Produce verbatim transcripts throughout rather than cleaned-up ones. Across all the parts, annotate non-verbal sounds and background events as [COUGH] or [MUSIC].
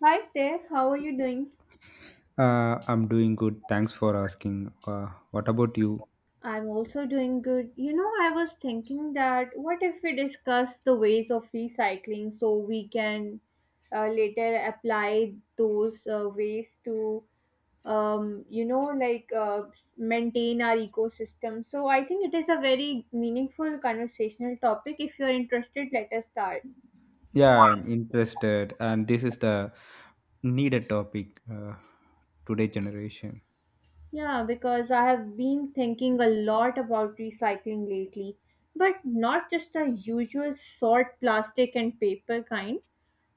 Hi there, how are you doing? Uh, I'm doing good. Thanks for asking. Uh, what about you? I'm also doing good. You know, I was thinking that what if we discuss the ways of recycling so we can uh, later apply those uh, ways to, um, you know, like uh, maintain our ecosystem. So I think it is a very meaningful conversational topic. If you're interested, let us start. Yeah, I'm interested, and this is the needed topic uh, today generation. Yeah, because I have been thinking a lot about recycling lately, but not just the usual sort plastic and paper kind.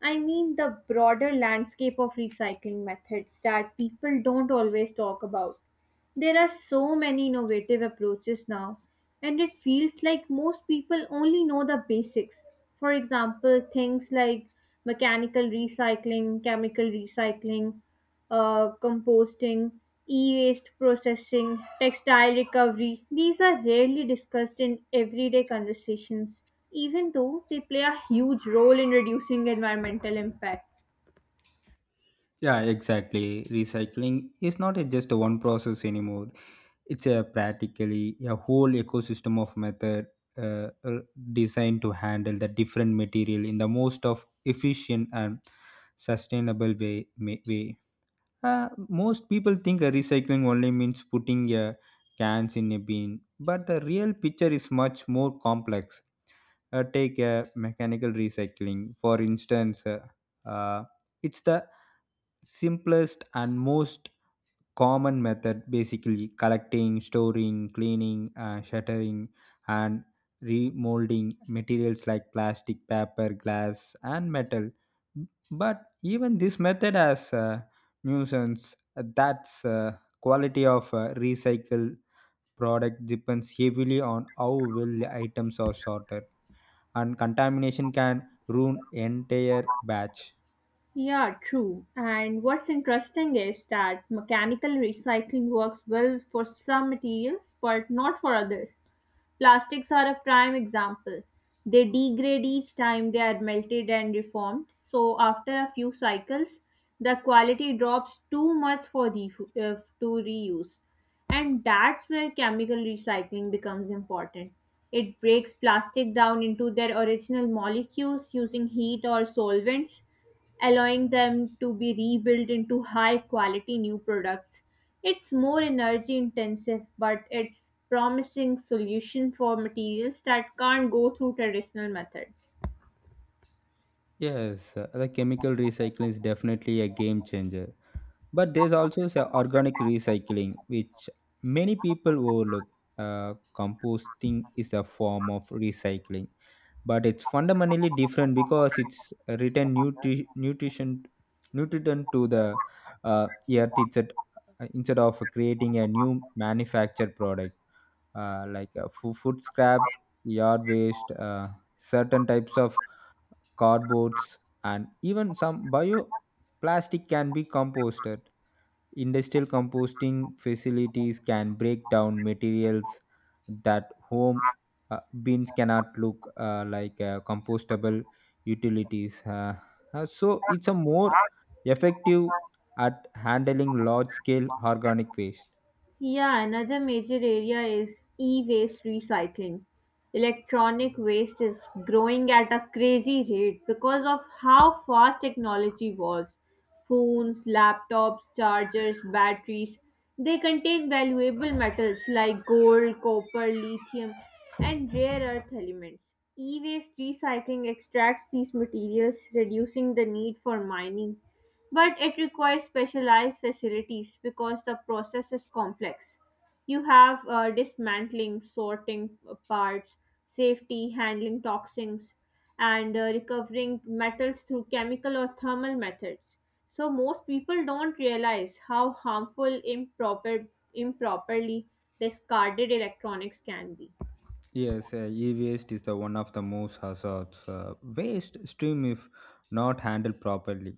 I mean the broader landscape of recycling methods that people don't always talk about. There are so many innovative approaches now, and it feels like most people only know the basics. For example, things like mechanical recycling, chemical recycling, uh, composting, e waste processing, textile recovery. These are rarely discussed in everyday conversations, even though they play a huge role in reducing environmental impact. Yeah, exactly. Recycling is not a just a one process anymore. It's a practically a whole ecosystem of method uh, uh, designed to handle the different material in the most of efficient and sustainable way, ma- way. Uh, most people think uh, recycling only means putting uh, cans in a bin, but the real picture is much more complex. Uh, take uh, mechanical recycling, for instance. uh, uh, it's the simplest and most common method, basically collecting, storing, cleaning, uh, shattering, and remolding materials like plastic, paper, glass, and metal. But even this method has a nuisance. That's uh, quality of uh, recycled product depends heavily on how well items are sorted, and contamination can ruin entire batch. Yeah, true. And what's interesting is that mechanical recycling works well for some materials, but not for others. Plastics are a prime example. They degrade each time they are melted and reformed, so after a few cycles, the quality drops too much for the, uh, to reuse. And that's where chemical recycling becomes important. It breaks plastic down into their original molecules using heat or solvents allowing them to be rebuilt into high quality new products. It's more energy intensive, but it's promising solution for materials that can't go through traditional methods. Yes, uh, the chemical recycling is definitely a game changer. But there's also s- organic recycling, which many people overlook. Uh, composting is a form of recycling, but it's fundamentally different because it's written nutri- nutrition nutrient to the uh, earth it's at, instead of creating a new manufactured product. Uh, like uh, fo- food scrap, yard waste, uh, certain types of cardboards, and even some bioplastic can be composted. Industrial composting facilities can break down materials that home uh, bins cannot look uh, like uh, compostable utilities. Uh, uh, so it's a more effective at handling large scale organic waste. Yeah, another major area is e waste recycling. Electronic waste is growing at a crazy rate because of how fast technology evolves. Phones, laptops, chargers, batteries, they contain valuable metals like gold, copper, lithium, and rare earth elements. E waste recycling extracts these materials, reducing the need for mining but it requires specialized facilities because the process is complex. You have uh, dismantling, sorting uh, parts, safety, handling toxins, and uh, recovering metals through chemical or thermal methods. So most people don't realize how harmful improper improperly discarded electronics can be. Yes, uh, e-waste is the one of the most hazards uh, waste stream if not handled properly.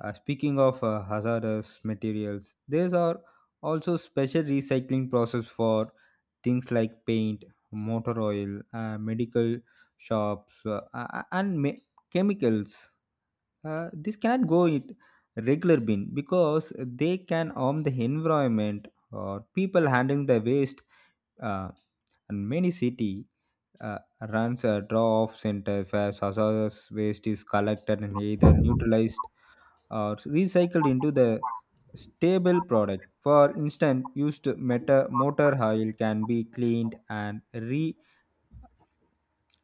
Uh, speaking of uh, hazardous materials, there are also special recycling process for things like paint, motor oil, uh, medical shops, uh, a- and me- chemicals. Uh, this cannot go in regular bin because they can harm the environment or people handling the waste. Uh, and many city uh, runs a draw-off center where hazardous waste is collected and either neutralized or recycled into the stable product. For instance, used meta- motor oil can be cleaned and re-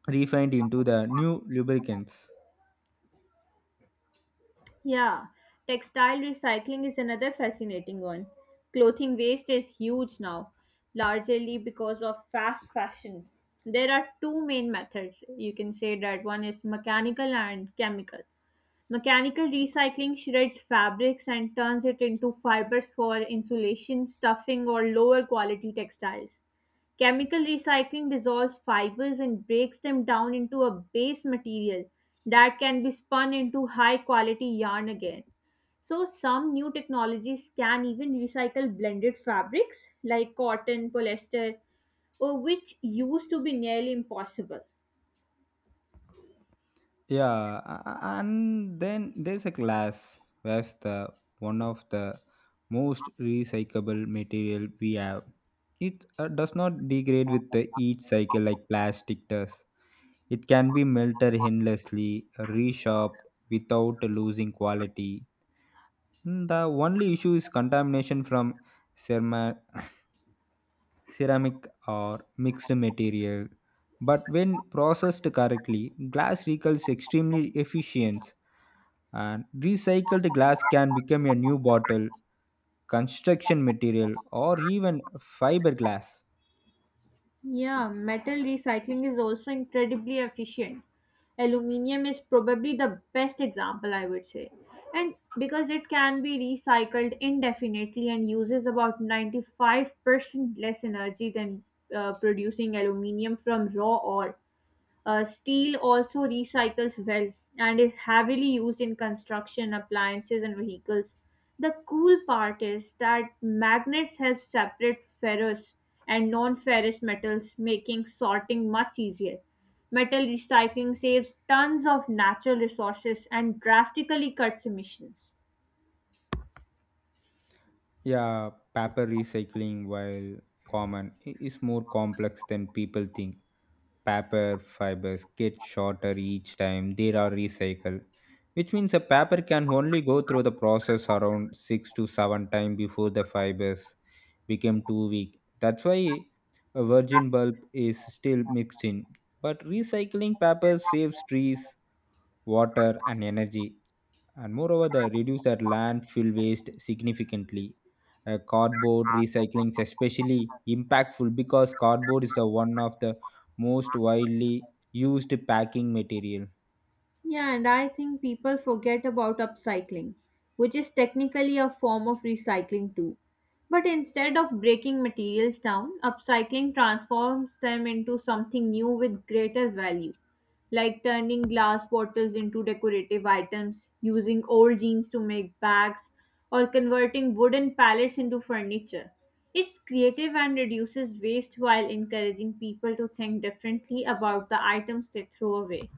refined into the new lubricants. Yeah, textile recycling is another fascinating one. Clothing waste is huge now, largely because of fast fashion. There are two main methods. You can say that one is mechanical and chemical. Mechanical recycling shreds fabrics and turns it into fibers for insulation, stuffing, or lower quality textiles. Chemical recycling dissolves fibers and breaks them down into a base material that can be spun into high quality yarn again. So, some new technologies can even recycle blended fabrics like cotton, polyester, uh, which used to be nearly impossible. Yeah, a- a- and then there's a glass that's the one of the most recyclable material we have. It uh, does not degrade with the each cycle like plastic does. It can be melted endlessly, reshopped, without losing quality. Mm, the only issue is contamination from ceramic [COUGHS] ceramic or mixed material, but when processed correctly, glass recovers extremely efficient. And recycled glass can become a new bottle, construction material, or even fiberglass. Yeah, metal recycling is also incredibly efficient. Aluminium is probably the best example, I would say. And because it can be recycled indefinitely and uses about ninety-five percent less energy than uh, producing aluminium from raw ore, uh, steel also recycles well and is heavily used in construction, appliances, and vehicles. The cool part is that magnets help separate ferrous and non ferrous metals, making sorting much easier. Metal recycling saves tons of natural resources and drastically cuts emissions. Yeah, paper recycling, while common, i- is more complex than people think. Paper fibers get shorter each time they are recycled, which means a paper can only go through the process around six to seven times before the fibers become too weak. That's why a virgin bulb is still mixed in, but recycling paper saves trees, water, and energy, and moreover they reduce their landfill waste significantly. Uh, cardboard recycling is especially impactful because cardboard is the one of the most widely used packing material. Yeah, and I think people forget about upcycling, which is technically a form of recycling too. But instead of breaking materials down, upcycling transforms them into something new with greater value, like turning glass bottles into decorative items, using old jeans to make bags, or converting wooden pallets into furniture. It's creative and reduces waste while encouraging people to think differently about the items they throw away.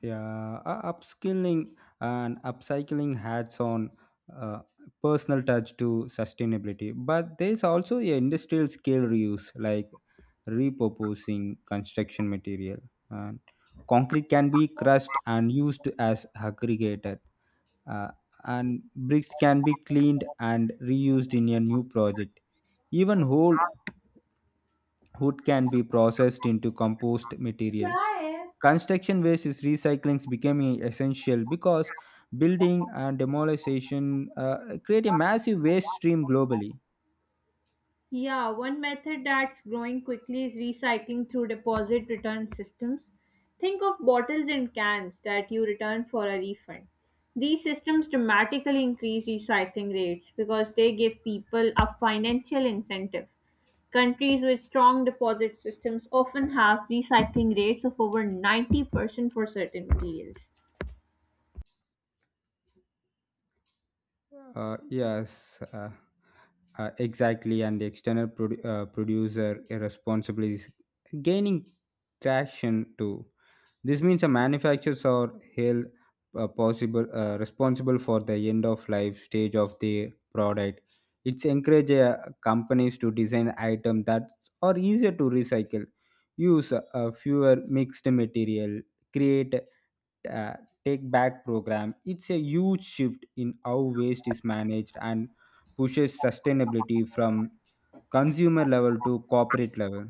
Yeah, uh, upskilling and upcycling hats on uh, personal touch to sustainability. But there's also a industrial scale reuse, like repurposing construction material. And concrete can be crushed and used as aggregator, uh, and bricks can be cleaned and reused in a new project. Even old wood can be processed into compost material. क्या है Construction waste is recycling becoming essential because building and demolition uh, create a massive waste stream globally. Yeah, one method that's growing quickly is recycling through deposit return systems. Think of bottles and cans that you return for a refund. These systems dramatically increase recycling rates because they give people a financial incentive. Countries with strong deposit systems often have recycling rates of over ninety percent for certain materials. Uh, yes, uh, uh, exactly. And the external produ- uh, producer irresponsibly is gaining traction too. This means the manufacturers are held uh, possible uh, responsible for the end of life stage of the product. It's encourage uh, companies to design items that are easier to recycle, use uh, fewer mixed material, create uh, take back program. It's a huge shift in how waste is managed and pushes sustainability from consumer level to corporate level.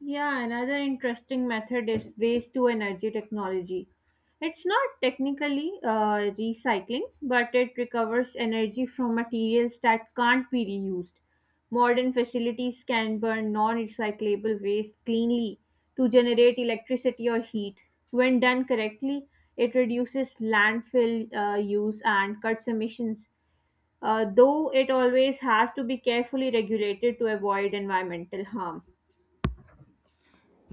Yeah, another interesting method is waste to energy technology. It's not technically uh, recycling, but it recovers energy from materials that can't be reused. Modern facilities can burn non recyclable waste cleanly to generate electricity or heat. When done correctly, it reduces landfill uh, use and cuts emissions, uh, though it always has to be carefully regulated to avoid environmental harm.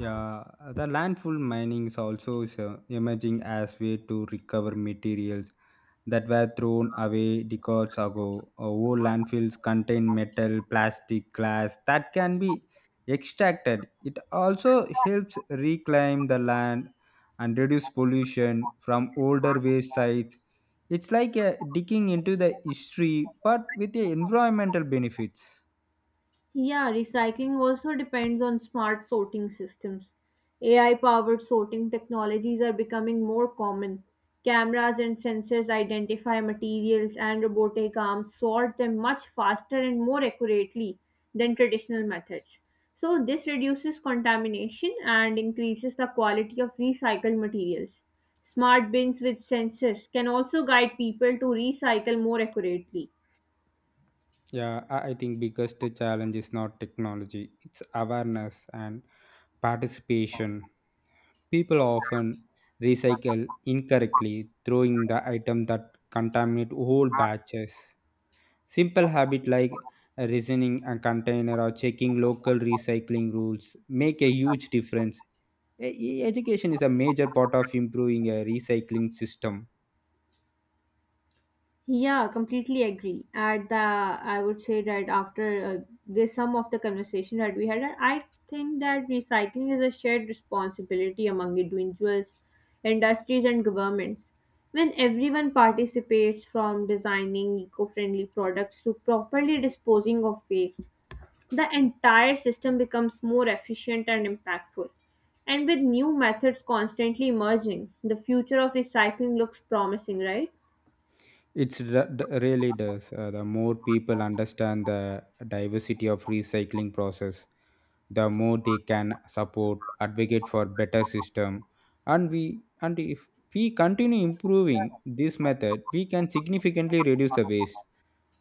Yeah, the landfill mining is also is, uh, emerging as way to recover materials that were thrown away decades ago. Uh, Old landfills contain metal, plastic, glass that can be extracted. It also helps reclaim the land and reduce pollution from older waste sites. It's like uh, digging into the history but with the environmental benefits. Yeah, recycling also depends on smart sorting systems. A I powered sorting technologies are becoming more common. Cameras and sensors identify materials, and robotic arms sort them much faster and more accurately than traditional methods. So, this reduces contamination and increases the quality of recycled materials. Smart bins with sensors can also guide people to recycle more accurately. Yeah, I I think biggest challenge is not technology, it's awareness and participation. People often recycle incorrectly, throwing the item that contaminate whole batches. Simple habit like reasoning a container or checking local recycling rules make a huge difference. E- e- Education is a major part of improving a recycling system. Yeah, completely agree. At the, I would say that after uh, this sum of the conversation that we had, I think that recycling is a shared responsibility among individuals, industries, and governments. When everyone participates from designing eco-friendly products to properly disposing of waste, the entire system becomes more efficient and impactful. And with new methods constantly emerging, the future of recycling looks promising, right? It's re- d- really does. Uh, the more people understand the diversity of recycling process, the more they can support, advocate for better system, and we and if we continue improving this method, we can significantly reduce the waste,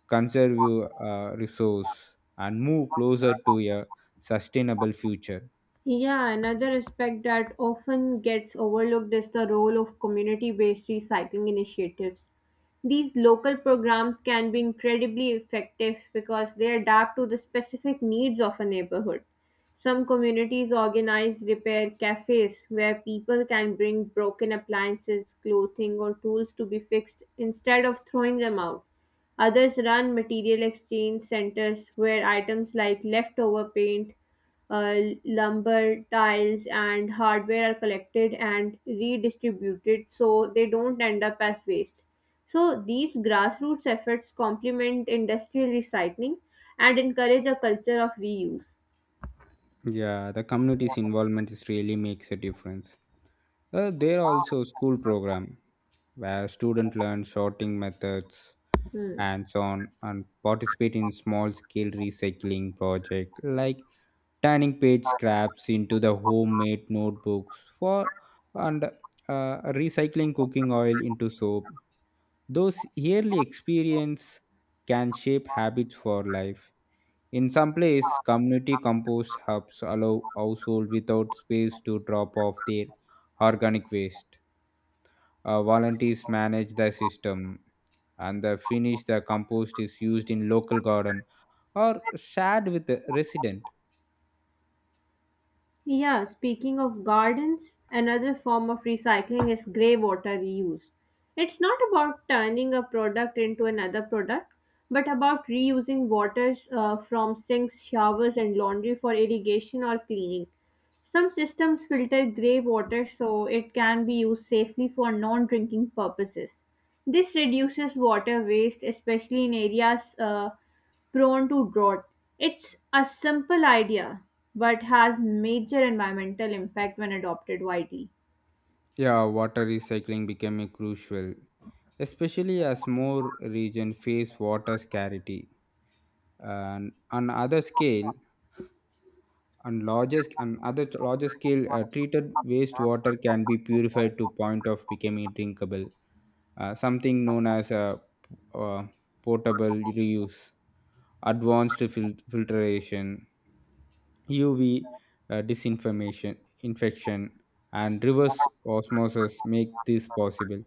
conserve uh, resource, and move closer to a sustainable future. Yeah, another aspect that often gets overlooked is the role of community based recycling initiatives. These local programs can be incredibly effective because they adapt to the specific needs of a neighborhood. Some communities organize repair cafes where people can bring broken appliances, clothing, or tools to be fixed instead of throwing them out. Others run material exchange centers where items like leftover paint uh, lumber, tiles, and hardware are collected and redistributed so they don't end up as waste. So, these grassroots efforts complement industrial recycling and encourage a culture of reuse. Yeah, the community's involvement is really makes a difference. Uh, there are also school program where students learn sorting methods Hmm. and so on and participate in small scale recycling project like turning page scraps into the homemade notebooks for and uh, recycling cooking oil into soap. Those yearly experience can shape habits for life. In some place, community compost hubs allow household without space to drop off their organic waste. Uh, volunteers manage the system, and the finish the compost is used in local garden or shared with the resident. Yeah, speaking of gardens, another form of recycling is grey water reuse. It's not about turning a product into another product, but about reusing waters uh, from sinks, showers, and laundry for irrigation or cleaning. Some systems filter grey water so it can be used safely for non drinking purposes. This reduces water waste, especially in areas uh, prone to drought. It's a simple idea but has major environmental impact when adopted widely. Yeah, water recycling became a crucial, especially as more regions face water scarcity. And on other scale, on largest and other larger scale, uh, treated wastewater can be purified to point of becoming drinkable, uh, something known as a uh, portable reuse. Advanced fil- filtration, U V, uh, disinformation, infection, and reverse osmosis make this possible.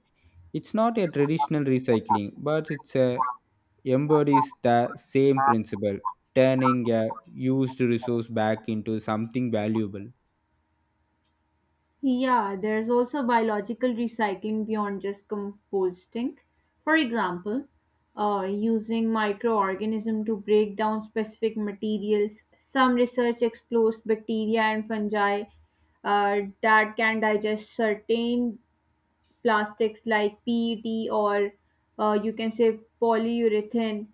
It's not a traditional recycling, but it's a embodies the same principle, turning a used resource back into something valuable. Yeah, there's also biological recycling beyond just composting. For example, uh, using microorganisms to break down specific materials. Some research explores bacteria and fungi uh, that can digest certain plastics like P E T or uh, you can say polyurethane,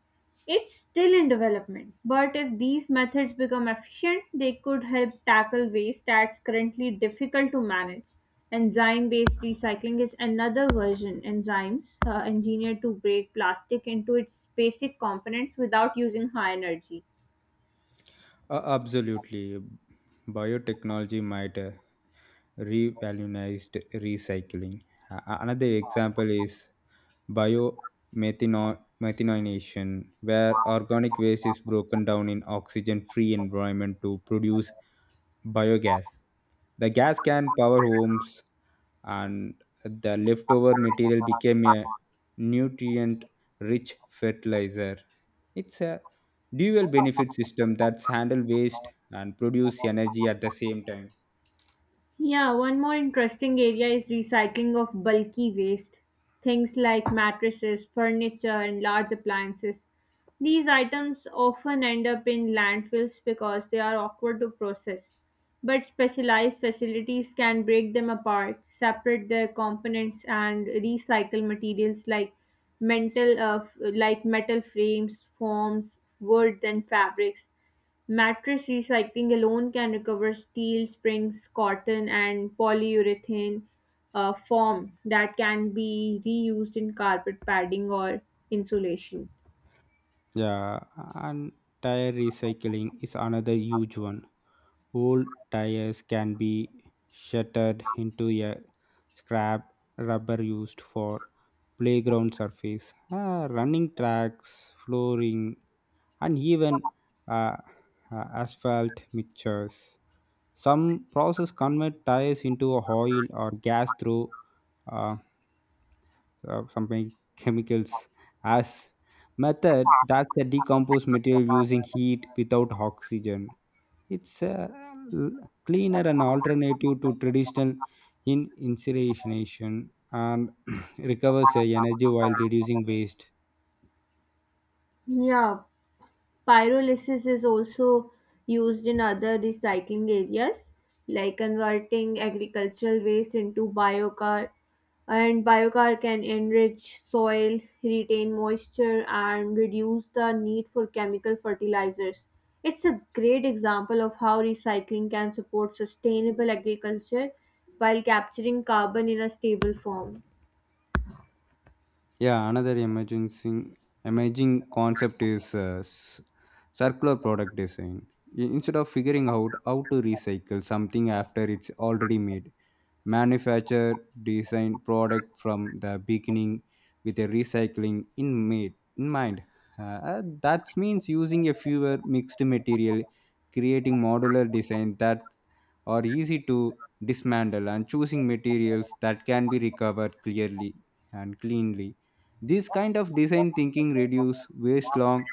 it's still in development. But if these methods become efficient, they could help tackle waste that's currently difficult to manage. Enzyme based recycling is another version. Enzymes uh, engineered to break plastic into its basic components without using high energy. Uh, absolutely, biotechnology might uh, revolutionized recycling. A- a- another example is biomethanation, where organic waste is broken down in oxygen-free environment to produce biogas. The gas can power homes, and the leftover material became a nutrient-rich fertilizer. It's a dual benefit system that's handle waste and produce energy at the same time. Yeah, one more interesting area is recycling of bulky waste. Things like mattresses, furniture, and large appliances. These items often end up in landfills because they are awkward to process. But specialized facilities can break them apart, separate their components, and recycle materials like mental, uh, f- like metal frames, foams, wood, and fabrics. Mattress recycling alone can recover steel, springs, cotton, and polyurethane uh, foam that can be reused in carpet padding or insulation. Yeah, and tire recycling is another huge one. Old tires can be shattered into a scrap rubber used for playground surface, uh, running tracks, flooring, and even uh, uh, asphalt mixtures. Some process convert tires into oil or gas through uh, uh, something chemicals as method that's a decomposed material using heat without oxygen. It's a l- cleaner and alternative to traditional in incineration and [CLEARS THROAT] recovers the energy while reducing waste. Yeah, Pyrolysis is also used in other recycling areas, like converting agricultural waste into biochar. And biochar can enrich soil, retain moisture, and reduce the need for chemical fertilizers. It's a great example of how recycling can support sustainable agriculture while capturing carbon in a stable form. Yeah, another emerging emerging concept is uh, s- circular product design. I- instead of figuring out how to recycle something after it's already made, manufacture design product from the beginning with a recycling in, made, in mind. Uh, uh, that means using a fewer mixed material, creating modular design that are easy to dismantle, and choosing materials that can be recovered clearly and cleanly. This kind of design thinking reduce waste long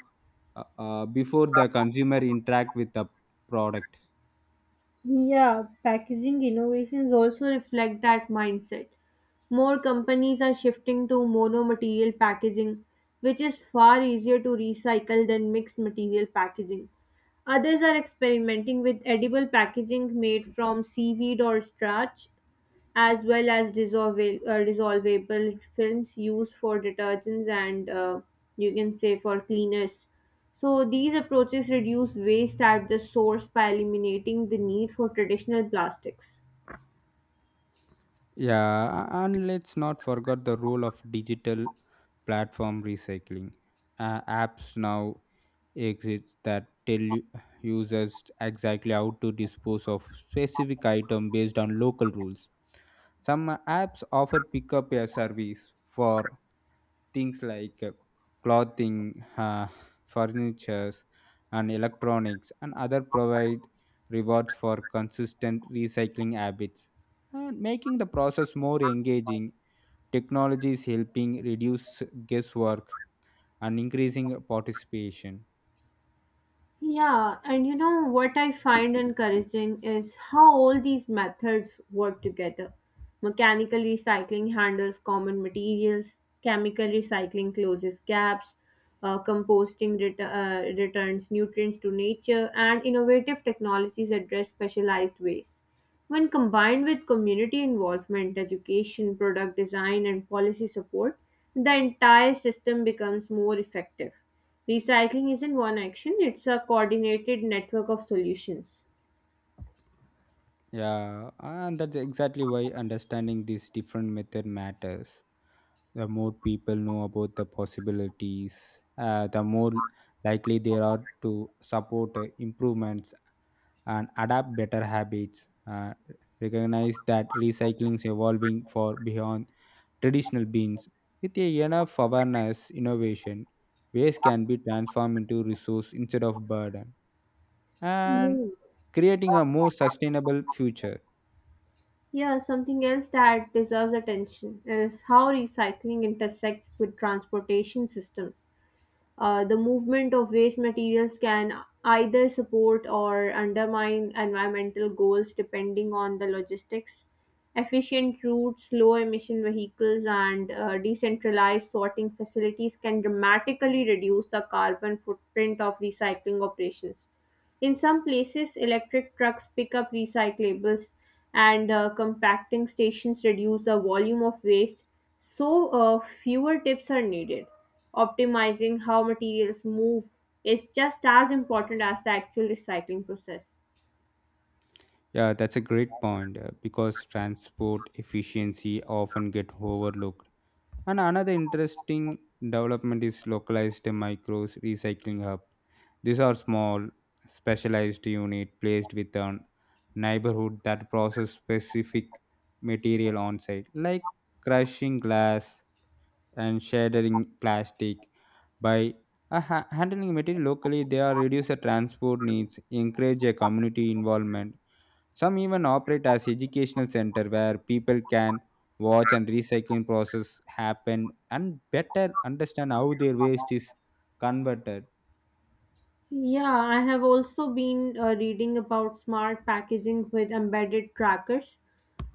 uh, uh, before the consumer interact with the product. Yeah, packaging innovations also reflect that mindset. More companies are shifting to mono-material packaging, which is far easier to recycle than mixed material packaging. Others are experimenting with edible packaging made from seaweed or starch, as well as dissolva- uh, dissolvable films used for detergents and uh, you can say for cleaners. So these approaches reduce waste at the source by eliminating the need for traditional plastics. Yeah, a- and let's not forget the role of digital platform recycling. Uh, apps now exist that tell u- users exactly how to dispose of specific item based on local rules. Some uh, apps offer pickup a service for things like uh, clothing, uh, furniture, and electronics, and other provide rewards for consistent recycling habits and making the process more engaging. Technology is helping reduce guesswork and increasing participation. Yeah, and you know what I find encouraging is how all these methods work together. Mechanical recycling handles common materials, chemical recycling closes gaps, uh, composting ret- uh, returns nutrients to nature, and innovative technologies address specialized waste. When combined with community involvement, education, product design, and policy support, the entire system becomes more effective. Recycling isn't one action, it's a coordinated network of solutions. Yeah, and that's exactly why understanding these different method matters. The more people know about the possibilities, uh, the more likely they are to support uh, improvements and adapt better habits. Uh, recognize that recycling is evolving for beyond traditional beans. With a enough awareness, innovation, waste can be transformed into resource instead of burden, and Yeah. creating a more sustainable future. Yeah, something else that deserves attention is how recycling intersects with transportation systems. Uh, the movement of waste materials can either support or undermine environmental goals depending on the logistics. Efficient routes, low emission vehicles, and uh, decentralized sorting facilities can dramatically reduce the carbon footprint of recycling operations. In some places, electric trucks pick up recyclables, and uh, compacting stations reduce the volume of waste, so uh, fewer tips are needed. Optimizing how materials move is just as important as the actual recycling process. Yeah, that's a great point, uh, because transport efficiency often get overlooked. And another interesting development is localized micros recycling hub. These are small, specialized unit placed with a neighborhood that process specific material on site, like crushing glass and shattering plastic. By uh, ha- handling material locally, they are reduce the transport needs, encourage a community involvement, some even operate as educational center where people can watch and recycling process happen and better understand how their waste is converted. Yeah, I have also been uh, reading about smart packaging with embedded trackers.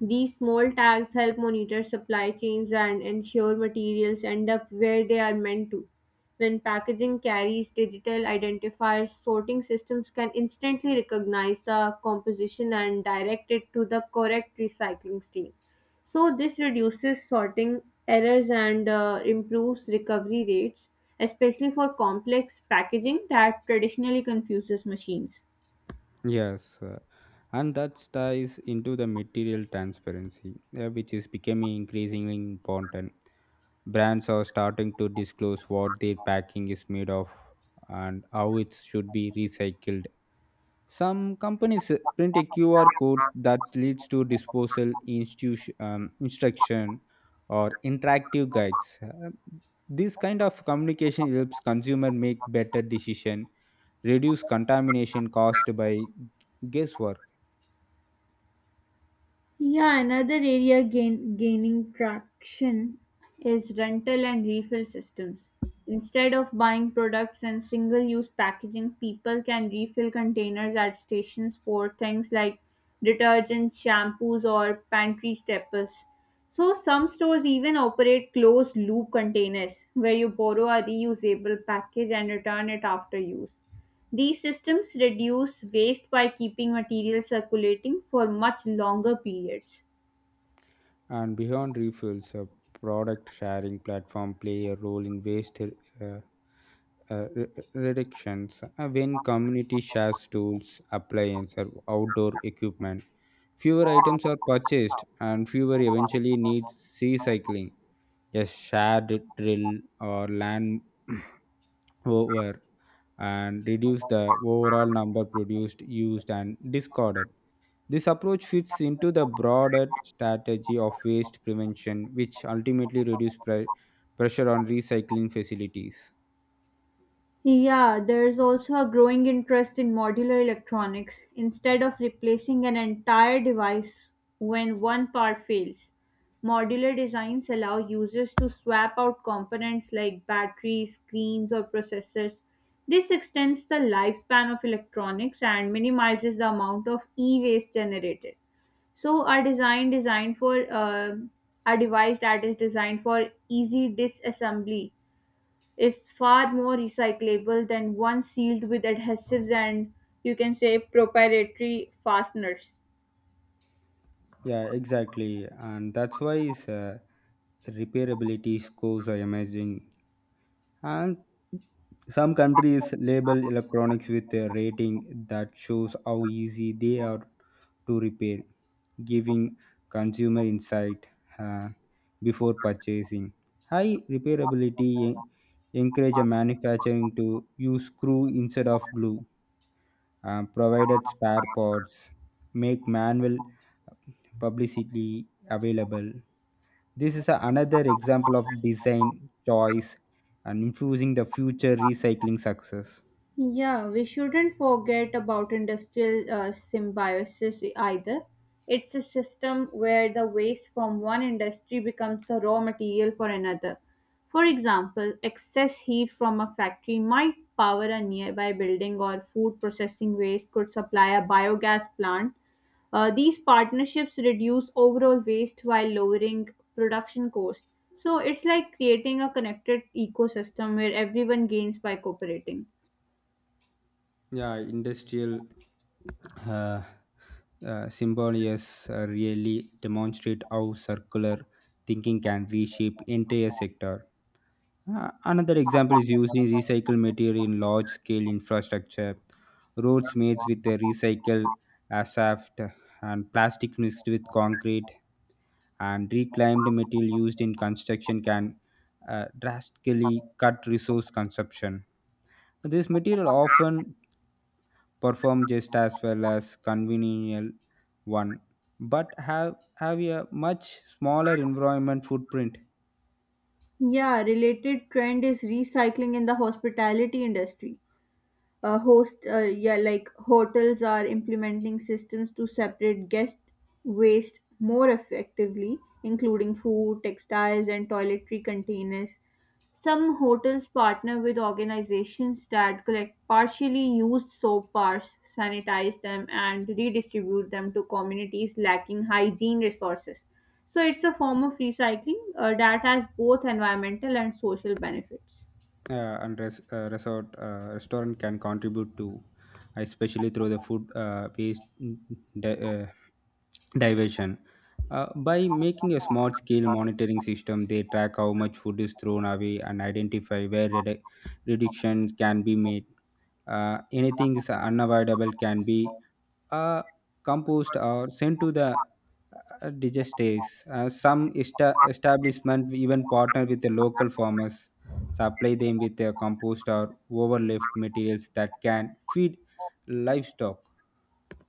These small tags help monitor supply chains and ensure materials end up where they are meant to. When packaging carries digital identifiers, sorting systems can instantly recognize the composition and direct it to the correct recycling stream. So this reduces sorting errors and uh, improves recovery rates, especially for complex packaging that traditionally confuses machines. Yes, uh, and that ties into the material transparency, uh, which is becoming increasingly important. Brands are starting to disclose what their packing is made of and how it should be recycled. Some companies uh, print a Q R code that leads to disposal institution, um, instruction or interactive guides. Uh, this kind of communication helps consumer make better decision, reduce contamination caused by guesswork, Yeah, another area gain, gaining traction is rental and refill systems. Instead of buying products in single use packaging, people can refill containers at stations for things like detergents, shampoos, or pantry staples. So, some stores even operate closed loop containers where you borrow a reusable package and return it after use. These systems reduce waste by keeping material circulating for much longer periods. and beyond refills. A product sharing platform play a role in waste uh, uh, re- reductions uh, when community shares tools, appliances, or outdoor equipment. Fewer items are purchased, and fewer eventually needs recycling. A shared drill or land [CLEARS THROAT] over and reduce the overall number produced, used, and discarded. This approach fits into the broader strategy of waste prevention, which ultimately reduce pre- pressure on recycling facilities. Yeah, there's also a growing interest in modular electronics. Instead of replacing an entire device when one part fails, modular designs allow users to swap out components like batteries, screens, or processors. This extends the lifespan of electronics and minimizes the amount of e waste generated. So, a design designed for uh, a device that is designed for easy disassembly is far more recyclable than one sealed with adhesives and you can say proprietary fasteners. Yeah, exactly. And that's why is uh, repairability scores are amazing. And some countries label electronics with a rating that shows how easy they are to repair, giving consumer insight uh, before purchasing. High repairability en- encourage a manufacturing to use screw instead of glue, uh, provided spare parts, make manual publicity available. This is a- another example of design choice and infusing the future recycling success. Yeah, we shouldn't forget about industrial uh, symbiosis either. It's a system where the waste from one industry becomes the raw material for another. For example, excess heat from a factory might power a nearby building, or food processing waste could supply a biogas plant. Uh, these partnerships reduce overall waste while lowering production costs. So it's like creating a connected ecosystem where everyone gains by cooperating. Yeah, industrial uh, uh, symbolies uh, really demonstrate how circular thinking can reshape entire sector. Uh, another example is using recycled material in large scale infrastructure, roads made with the recycled asphalt and plastic mixed with concrete and reclaimed material used in construction can uh, drastically cut resource consumption. This material often perform just as well as conventional one, but have have a much smaller environment footprint. Yeah, related trend is recycling in the hospitality industry uh, host uh, yeah like hotels are implementing systems to separate guest waste more effectively, including food, textiles, and toiletry containers. Some hotels partner with organizations that collect partially used soap bars, sanitize them, and redistribute them to communities lacking hygiene resources. So it's a form of recycling uh, that has both environmental and social benefits. Uh, and res- uh, resort uh, restaurant can contribute to, especially through the food uh, waste de- uh, diversion. Uh, by making a smart scale monitoring system, they track how much food is thrown away and identify where redu- reductions can be made. Uh, anything is unavoidable can be uh, composed or sent to the uh, digesters. Uh, some esta- establishment even partner with the local farmers, supply them with their compost or overleft materials that can feed livestock.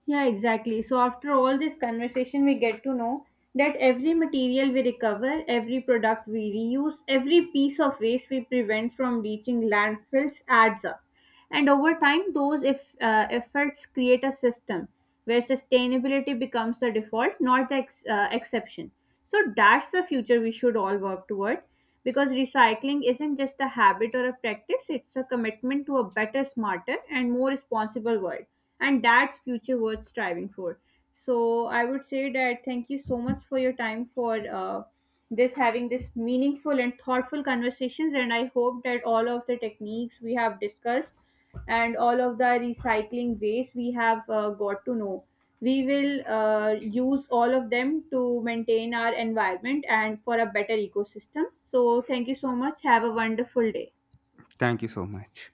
Yeah, exactly. So, after all this conversation, we get to know that every material we recover, every product we reuse, every piece of waste we prevent from reaching landfills adds up. And over time, those if, uh, efforts create a system where sustainability becomes the default, not the ex- uh, exception. So, that's the future we should all work toward, because recycling isn't just a habit or a practice, it's a commitment to a better, smarter, and more responsible world, and that's future worth striving for. So, I would say that thank you so much for your time for uh, this having this meaningful and thoughtful conversations, and I hope that all of the techniques we have discussed and all of the recycling ways we have uh, got to know, we will uh, use all of them to maintain our environment and for a better ecosystem. So thank you so much, have a wonderful day. Thank you so much.